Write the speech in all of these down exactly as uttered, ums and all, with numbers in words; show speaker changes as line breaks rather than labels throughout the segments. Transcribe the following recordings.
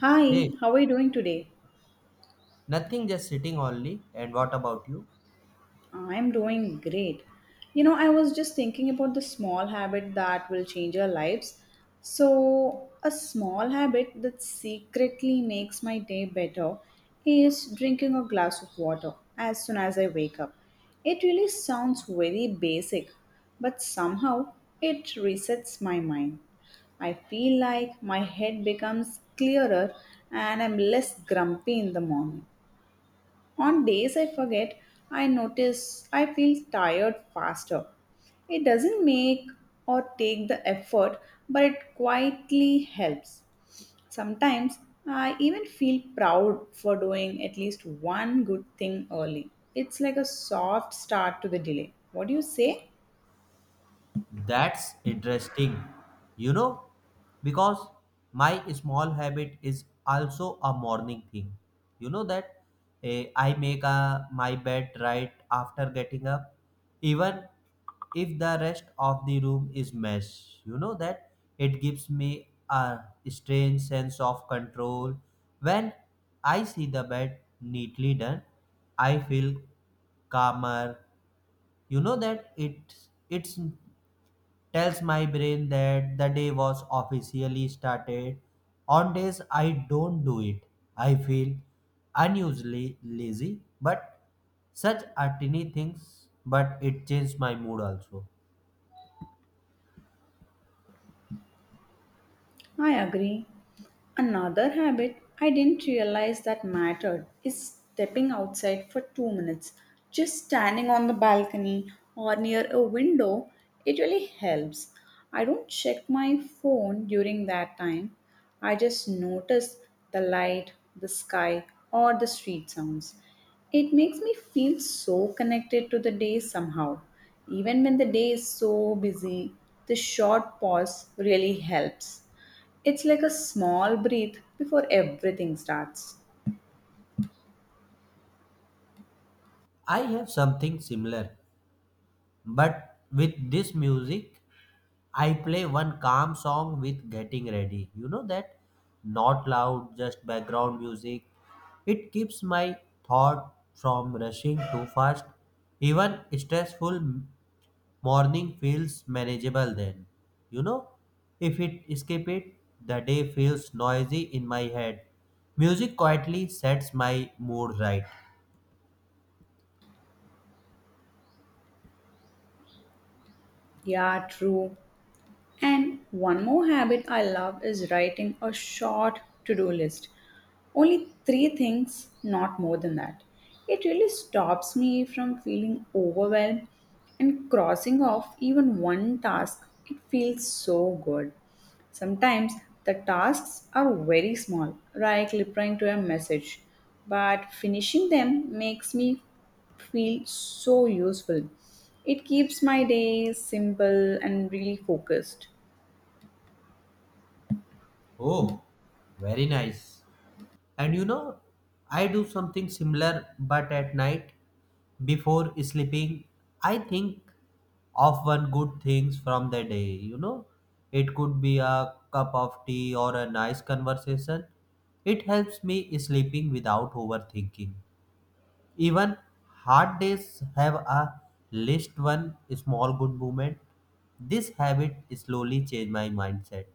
Hi,
Hey,
how are you doing today?
nothing, just sitting only. And what about you?
I'm doing great. You know, I was just thinking about the small habit that will change our lives. So, a small habit that secretly makes my day better is drinking a glass of water as soon as I wake up. It really sounds very basic, but somehow it resets my mind. I feel like my head becomes clearer and I'm less grumpy in the morning. On days I forget, I notice I feel tired faster. It doesn't make or take the effort, but it quietly helps. Sometimes I even feel proud for doing at least one good thing early. It's like a soft start to the delay. What do you say?
That's interesting, you know, because my small habit is also a morning thing. You know that eh, I make a, my bed right after getting up, even if the rest of the room is mess. You know that it gives me a strange sense of control. When I see the bed neatly done, I feel calmer. You know that it it's tells my brain that the day was officially started. On days I don't do it, I feel unusually lazy, but such are tiny things, but it changed my mood also.
I agree. Another habit I didn't realize that mattered is stepping outside for two minutes. Just standing on the balcony or near a window, it really helps. I don't check my phone during that time. I just notice the light, the sky, or the street sounds. It makes me feel so connected to the day somehow. Even when the day is so busy, the short pause really helps. It's like a small breath before everything starts.
I have something similar. But with this music, I play one calm song with getting ready. You know that? Not loud, just background music. It keeps my thought from rushing too fast. Even stressful morning feels manageable then. You know? If it skip it, the day feels noisy in my head. Music quietly sets my mood right.
Yeah, true. And one more habit I love is writing a short to do list. Only three things, not more than that. It really stops me from feeling overwhelmed and crossing off even one task. It feels so good. Sometimes the tasks are very small, like replying to a message, but finishing them makes me feel so useful. It keeps my day simple and really focused.
Oh, very nice. And you know, I do something similar, but at night before sleeping, I think of one good things from the day. You know, it could be a cup of tea or a nice conversation. It helps me sleeping without overthinking. Even hard days have a list one small good moment. This habit slowly changed my mindset.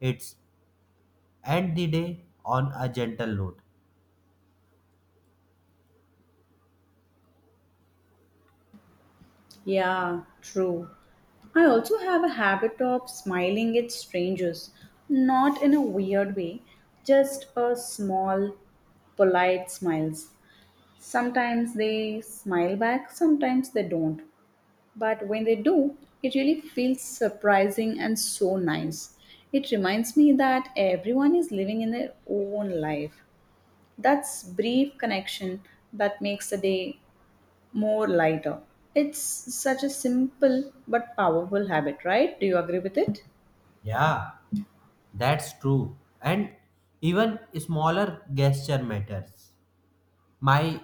It's end the day on a gentle note.
Yeah, true. I also have a habit of smiling at strangers, not in a weird way, just a small, polite smiles. Sometimes they smile back, sometimes they don't. But when they do, it really feels surprising and so nice. It reminds me that everyone is living in their own life. That's brief connection that makes the day more lighter. It's such a simple but powerful habit, right? Do you agree with it?
Yeah, that's true. And even smaller gesture matters. My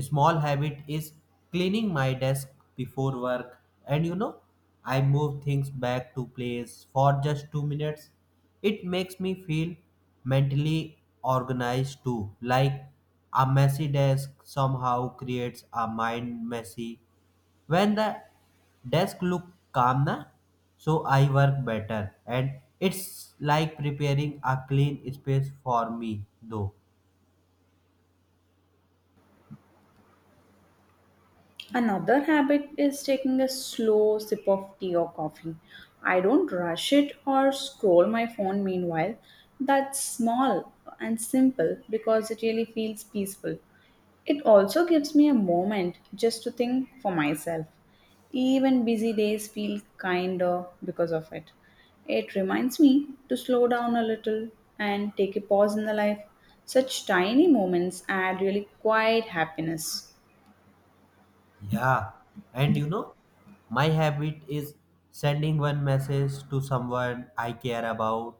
small habit is cleaning my desk before work, and you know, I move things back to place for just two minutes. It makes me feel mentally organized too, like a messy desk somehow creates a mind messy when the desk look calm na, so I work better, and it's like preparing a clean space for me though.
Another habit is taking a slow sip of tea or coffee. I don't rush it or scroll my phone meanwhile. That's small and simple because it really feels peaceful. It also gives me a moment just to think for myself. Even busy days feel kinder because of it. It reminds me to slow down a little and take a pause in the life. Such tiny moments add really quite happiness.
Yeah, and you know, my habit is sending one message to someone I care about,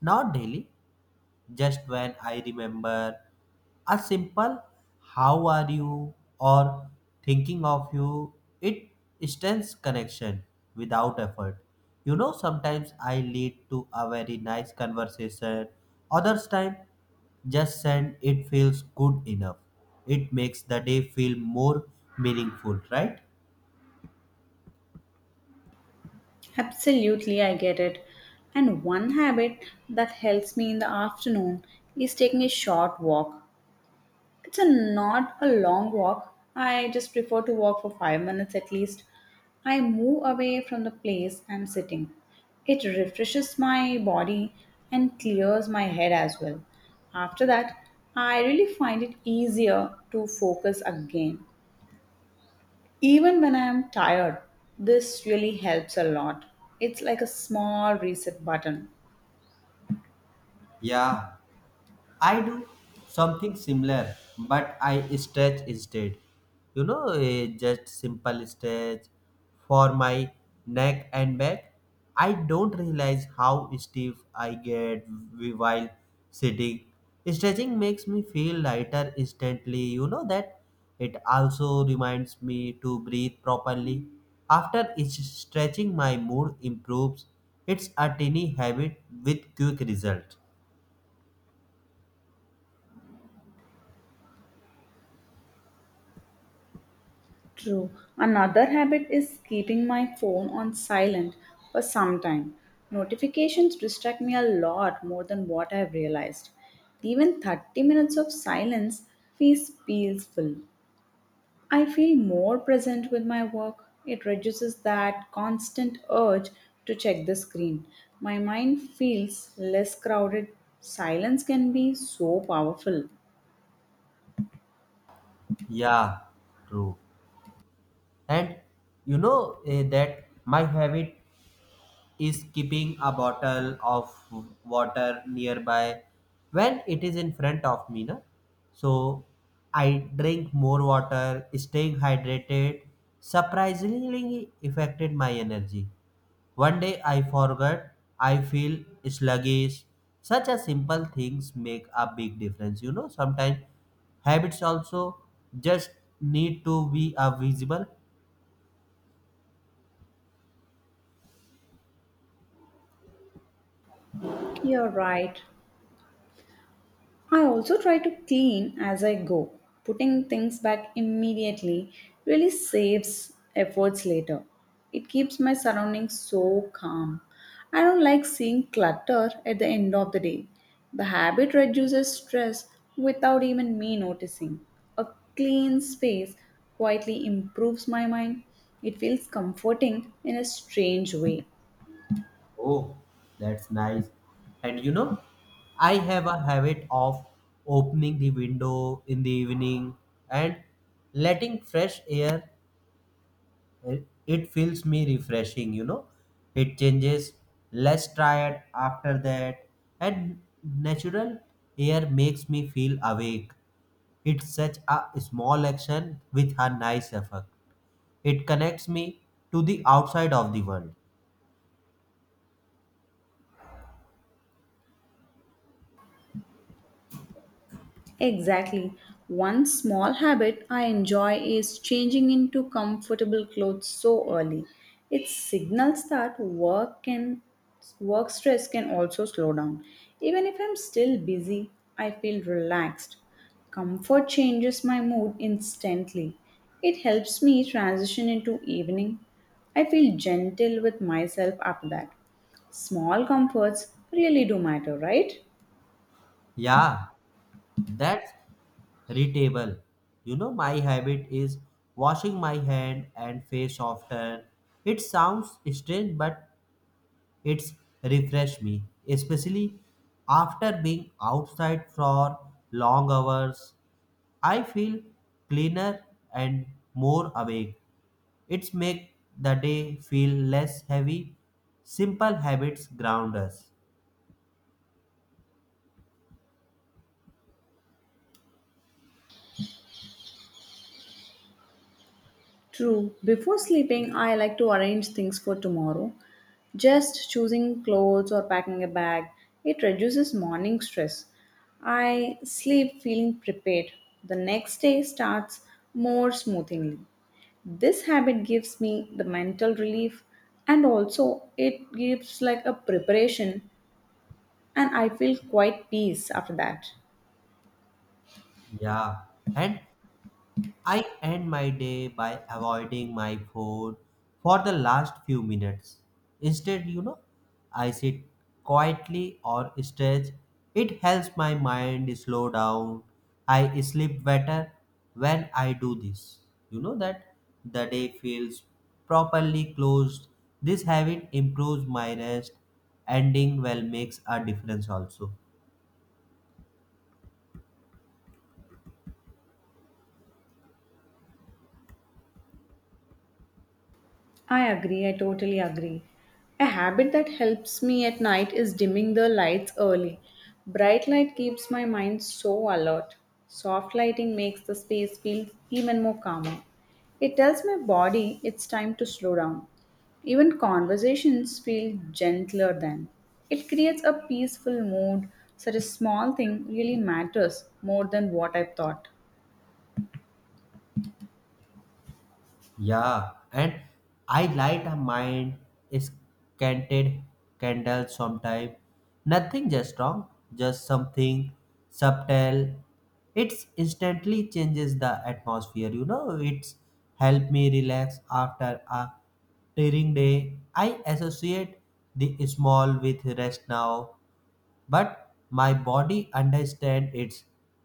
not daily, just when I remember a simple how are you or thinking of you, it stands connection without effort. You know, sometimes I lead to a very nice conversation, others time just send it feels good enough. It makes the day feel more meaningful, right?
Absolutely, I get it. And one habit that helps me in the afternoon is taking a short walk. It's a not a long walk. I just prefer to walk for five minutes at least. I move away from the place I'm sitting. It refreshes my body and clears my head as well. After that, I really find it easier to focus again. Even when I am tired, this really helps a lot. It's like a small reset button.
Yeah, I do something similar, but I stretch instead. You know, eh, just simple stretch for my neck and back. I don't realize how stiff I get w- while sitting. Stretching makes me feel lighter instantly. You know that it also reminds me to breathe properly. After each stretching, my mood improves. It's a tiny habit with quick result.
True. Another habit is keeping my phone on silent for some time. Notifications distract me a lot more than what I've realized. Even thirty minutes of silence feels peaceful. I feel more present with my work. It reduces that constant urge to check the screen. My mind feels less crowded. Silence can be so powerful.
Yeah, true. And you know eh, that my habit is keeping a bottle of water nearby when it is in front of me na? So I drink more water. Staying hydrated surprisingly affected my energy. One day I forgot, I feel sluggish. Such a simple things make a big difference, you know. Sometimes habits also just need to be a visible.
You're right. I also try to clean as I go. Putting things back immediately really saves efforts later. It keeps my surroundings so calm. I don't like seeing clutter at the end of the day. The habit reduces stress without even me noticing. A clean space quietly improves my mind. It feels comforting in a strange way.
Oh, that's nice. And you know, I have a habit of opening the window in the evening and letting fresh air. It it feels me refreshing, you know. It changes less tired after that, and natural air makes me feel awake. It's such a small action with a nice effect. It connects me to the outside of the world.
Exactly. One small habit I enjoy is changing into comfortable clothes so early. It signals that work can work stress can also slow down. Even if I'm still busy, I feel relaxed. Comfort changes my mood instantly. It helps me transition into evening. I feel gentle with myself after that. Small comforts really do matter, right?
Yeah, that's Retable. You know, my habit is washing my hand and face often. It sounds strange, but it's refresh me, especially after being outside for long hours. I feel cleaner and more awake. It's make the day feel less heavy. Simple habits ground us.
True. Before sleeping, I like to arrange things for tomorrow. Just choosing clothes or packing a bag, it reduces morning stress. I sleep feeling prepared. The next day starts more smoothly. This habit gives me the mental relief and also it gives like a preparation and I feel quite peace after that.
Yeah, and I end my day by avoiding my phone for the last few minutes. Instead, you know, I sit quietly or stretch. It helps my mind slow down. I sleep better when I do this. You know that the day feels properly closed. This habit improves my rest. Ending well makes a difference also.
I agree, I totally agree. A habit that helps me at night is dimming the lights early. Bright light keeps my mind so alert. Soft lighting makes the space feel even more calmer. It tells my body it's time to slow down. Even conversations feel gentler then. It creates a peaceful mood. Such a small thing really matters more than what I thought.
Yeah, and I light a mind scented candle sometime. Nothing just strong, just something subtle. It's instantly changes the atmosphere, you know. It's helped me relax after a tiring day. I associate the small with rest now, but my body understand it's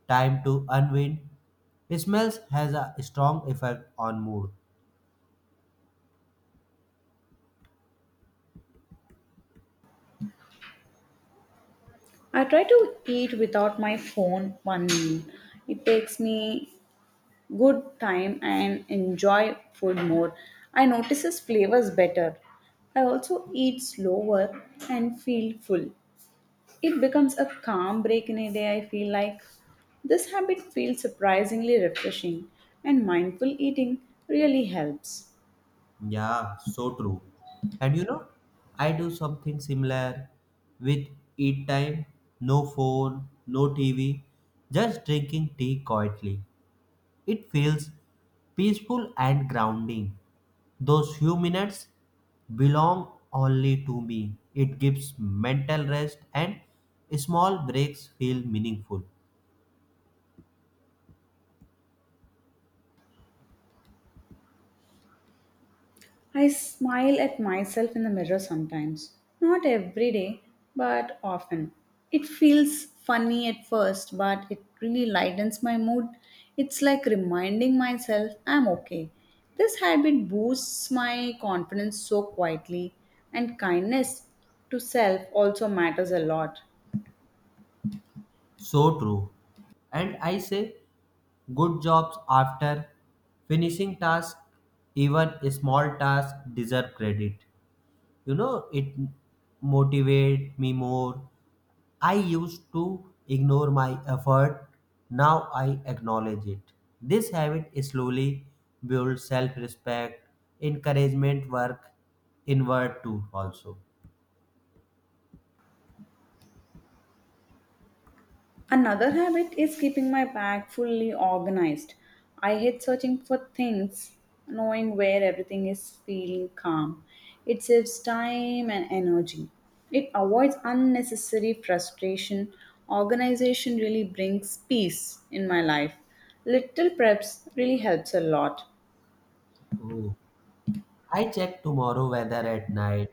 time to unwind. Smells has a strong effect on mood.
I try to eat without my phone one meal. It takes me good time and enjoy food more. I notices flavors better. I also eat slower and feel full. It becomes a calm break in a day, I feel like. This habit feels surprisingly refreshing, and mindful eating really helps.
Yeah, so true. And you know, I do something similar with eat time, no phone, no T V, just drinking tea quietly. It feels peaceful and grounding. Those few minutes belong only to me. It gives mental rest, and small breaks feel meaningful.
I smile at myself in the mirror sometimes. Not every day, but often. It feels funny at first, but it really lightens my mood. It's like reminding myself I'm okay. This habit boosts my confidence so quietly, and kindness to self also matters a lot.
So true. And I say good jobs after finishing task, even small task deserve credit. You know, it motivate me more. I used to ignore my effort. Now I acknowledge it. This habit slowly builds self-respect, encouragement work inward too also.
Another habit is keeping my bag fully organized. I hate searching for things, knowing where everything is feeling calm. It saves time and energy. It avoids unnecessary frustration. Organization really brings peace in my life. Little preps really helps a lot.
Oh. I check tomorrow weather at night.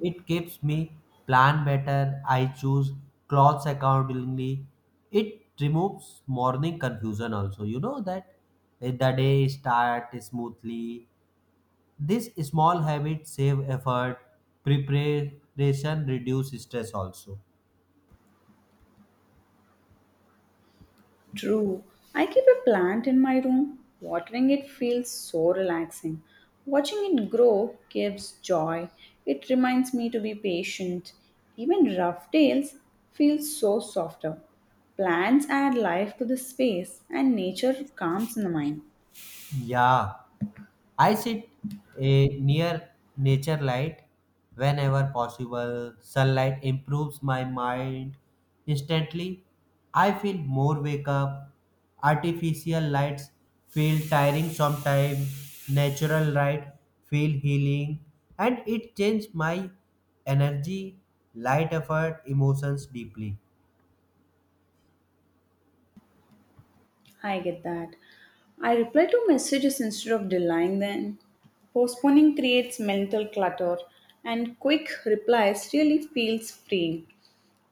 It keeps me plan better. I choose clothes accordingly. It removes morning confusion also. You know that eh, the day start smoothly. This small habit save effort. Preparation reduce stress also.
True. I keep a plant in my room. Watering it feels so relaxing. Watching it grow gives joy. It reminds me to be patient. Even rough days feel so softer. Plants add life to the space and nature calms the mind.
Yeah. I sit eh, near nature light whenever possible. Sunlight improves my mind instantly. I feel more wake up. Artificial lights feel tiring sometimes. Natural light feel healing, and it changes my energy, light effort, emotions deeply.
I get that. I reply to messages instead of delaying them. Postponing creates mental clutter, and quick replies really feels free.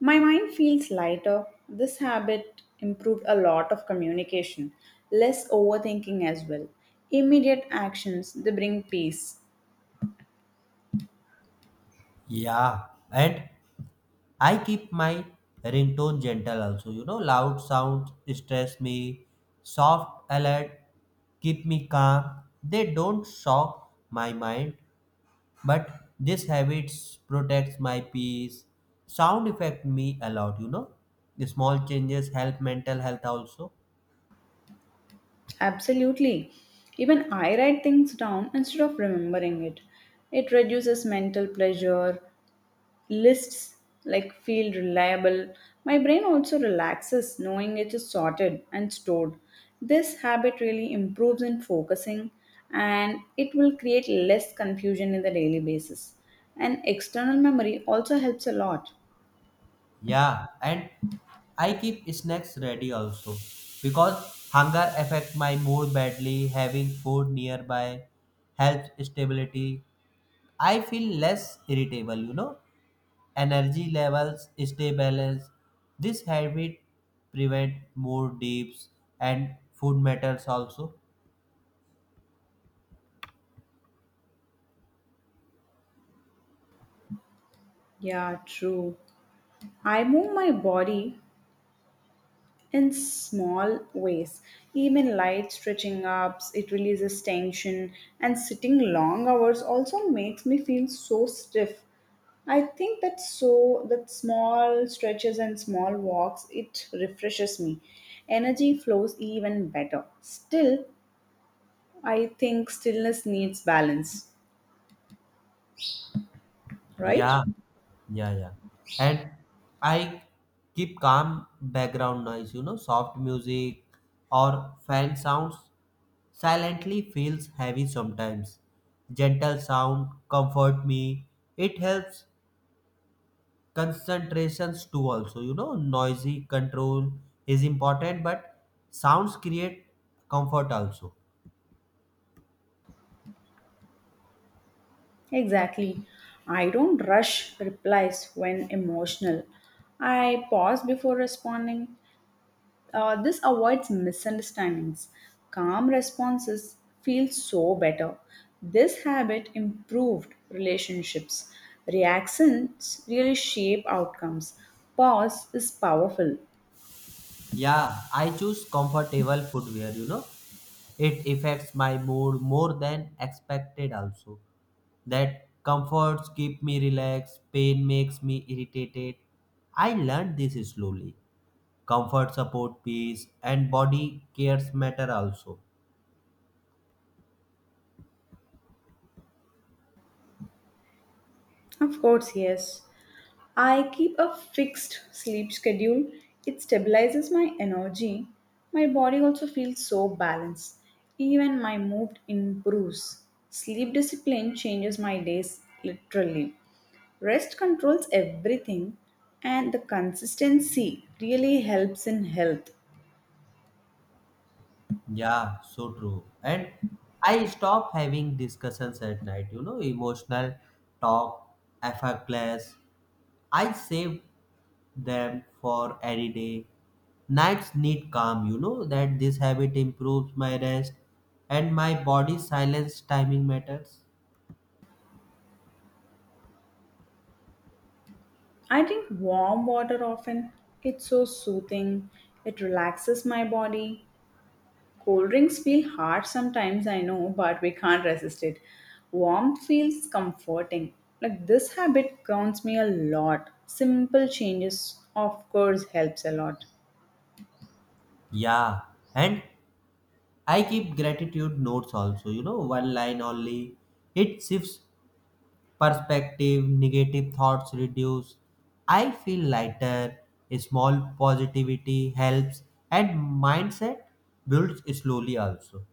My mind feels lighter. This habit improved a lot of communication, less overthinking as well. Immediate actions, they bring peace.
Yeah, and I keep my ringtone gentle also. You know, loud sounds stress me, soft alert keep me calm. They don't shock my mind, but this habits protects my peace. Sound affect me a lot, you know. The small changes help mental health also.
Absolutely. Even I write things down instead of remembering it. It reduces mental pressure lists like feel reliable. My brain also relaxes knowing it is sorted and stored. This habit really improves in focusing and it will create less confusion in the daily basis. And external memory also helps a lot.
Yeah, and I keep snacks ready also because hunger affect my mood badly. Having food nearby helps stability. I feel less irritable, you know. Energy levels stay balanced. This habit prevent more dips, and food matters also.
Yeah, true. I move my body in small ways. Even light stretching ups, it releases tension, and sitting long hours also makes me feel so stiff. I think that so that small stretches and small walks it refreshes me. Energy flows even better. Still, I think stillness needs balance, right?
Yeah, yeah, yeah. And I keep calm background noise, you know, soft music or fan sounds silently feels heavy sometimes. Gentle sound comfort me. It helps concentrations too also. You know, noisy control is important, but sounds create comfort also.
Exactly. I don't rush replies when emotional. I pause before responding. Uh, this avoids misunderstandings. Calm responses feel so better. This habit improved relationships. Reactions really shape outcomes. Pause is powerful.
Yeah, I choose comfortable footwear, you know. It affects my mood more than expected also. That comforts keep me relaxed, pain makes me irritated. I learned this slowly. Comfort support peace, and body cares matter also.
Of course, yes. I keep a fixed sleep schedule. It stabilizes my energy. My body also feels so balanced. Even my mood improves. Sleep discipline changes my days literally. Rest controls everything, and the consistency really helps in health.
Yeah, so true. And I stop having discussions at night, you know, emotional talk, effortless. I save them for any day. Nights need calm, you know, that this habit improves my rest and my body silence timing matters.
I drink warm water often. It's so soothing. It relaxes my body. Cold drinks feel hard sometimes, I know, but we can't resist it. Warmth feels comforting. Like this habit grounds me a lot. Simple changes, of course, helps a lot.
Yeah, and I keep gratitude notes also, you know, one line only. It shifts perspective, negative thoughts reduce. I feel lighter. A small positivity helps, and mindset builds slowly also.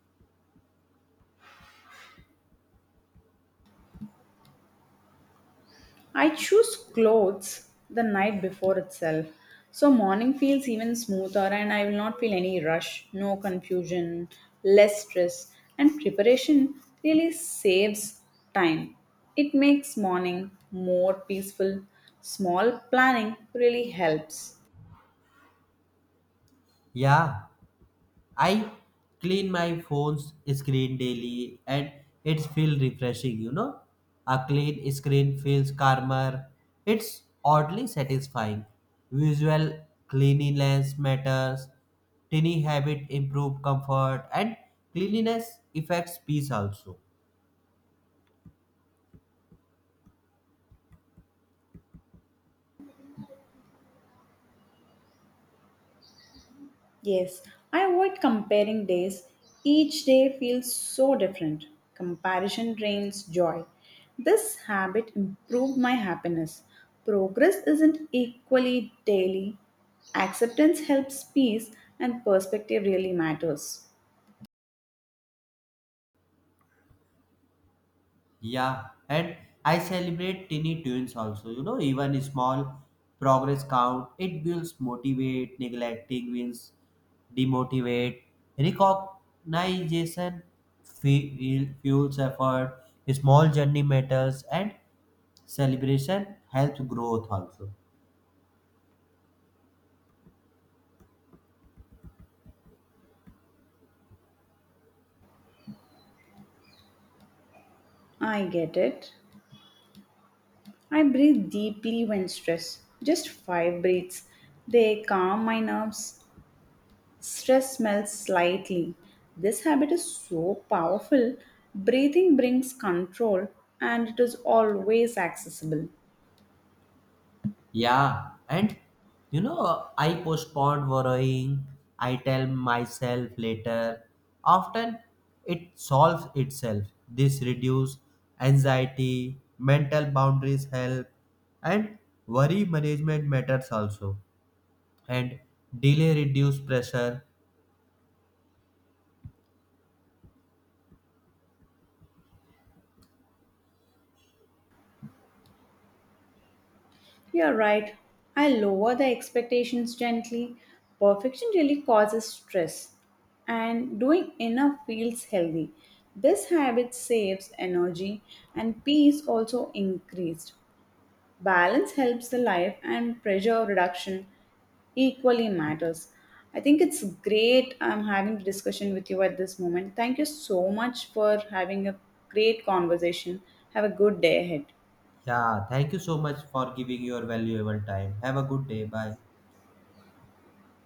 I choose clothes the night before itself. So morning feels even smoother and I will not feel any rush, no confusion, less stress and preparation really saves time. It makes morning more peaceful. Small planning really helps.
Yeah, I clean my phone's screen daily and it feels refreshing, you know. A clean screen feels calmer. It's oddly satisfying. Visual cleanliness matters. Tiny habit improve comfort, and cleanliness affects peace also.
Yes, I avoid comparing days. Each day feels so different. Comparison drains joy. This habit improved my happiness. Progress isn't equally daily. Acceptance helps peace, and perspective really matters.
Yeah, and I celebrate tiny tunes also. You know, even small progress count. It builds motivate, neglecting wins, demotivate. Recognition fe- fuels effort. Small journey matters, and celebration helps growth also.
I get it. I breathe deeply when stressed, just five breaths. They calm my nerves. Stress smells slightly. This habit is so powerful. Breathing brings control and it is always accessible.
Yeah, and you know, I postpone worrying, I tell myself later. Often it solves itself. This reduce anxiety, mental boundaries help, and worry management matters also. And delay reduce pressure.
You're right. I lower the expectations gently. Perfection really causes stress, and doing enough feels healthy. This habit saves energy and peace also increased. Balance helps the life and pressure reduction equally matters. I think it's great I'm having the discussion with you at this moment. Thank you so much for having a great conversation. Have a good day ahead.
Yeah, thank you so much for giving your valuable time. Have a good day. Bye.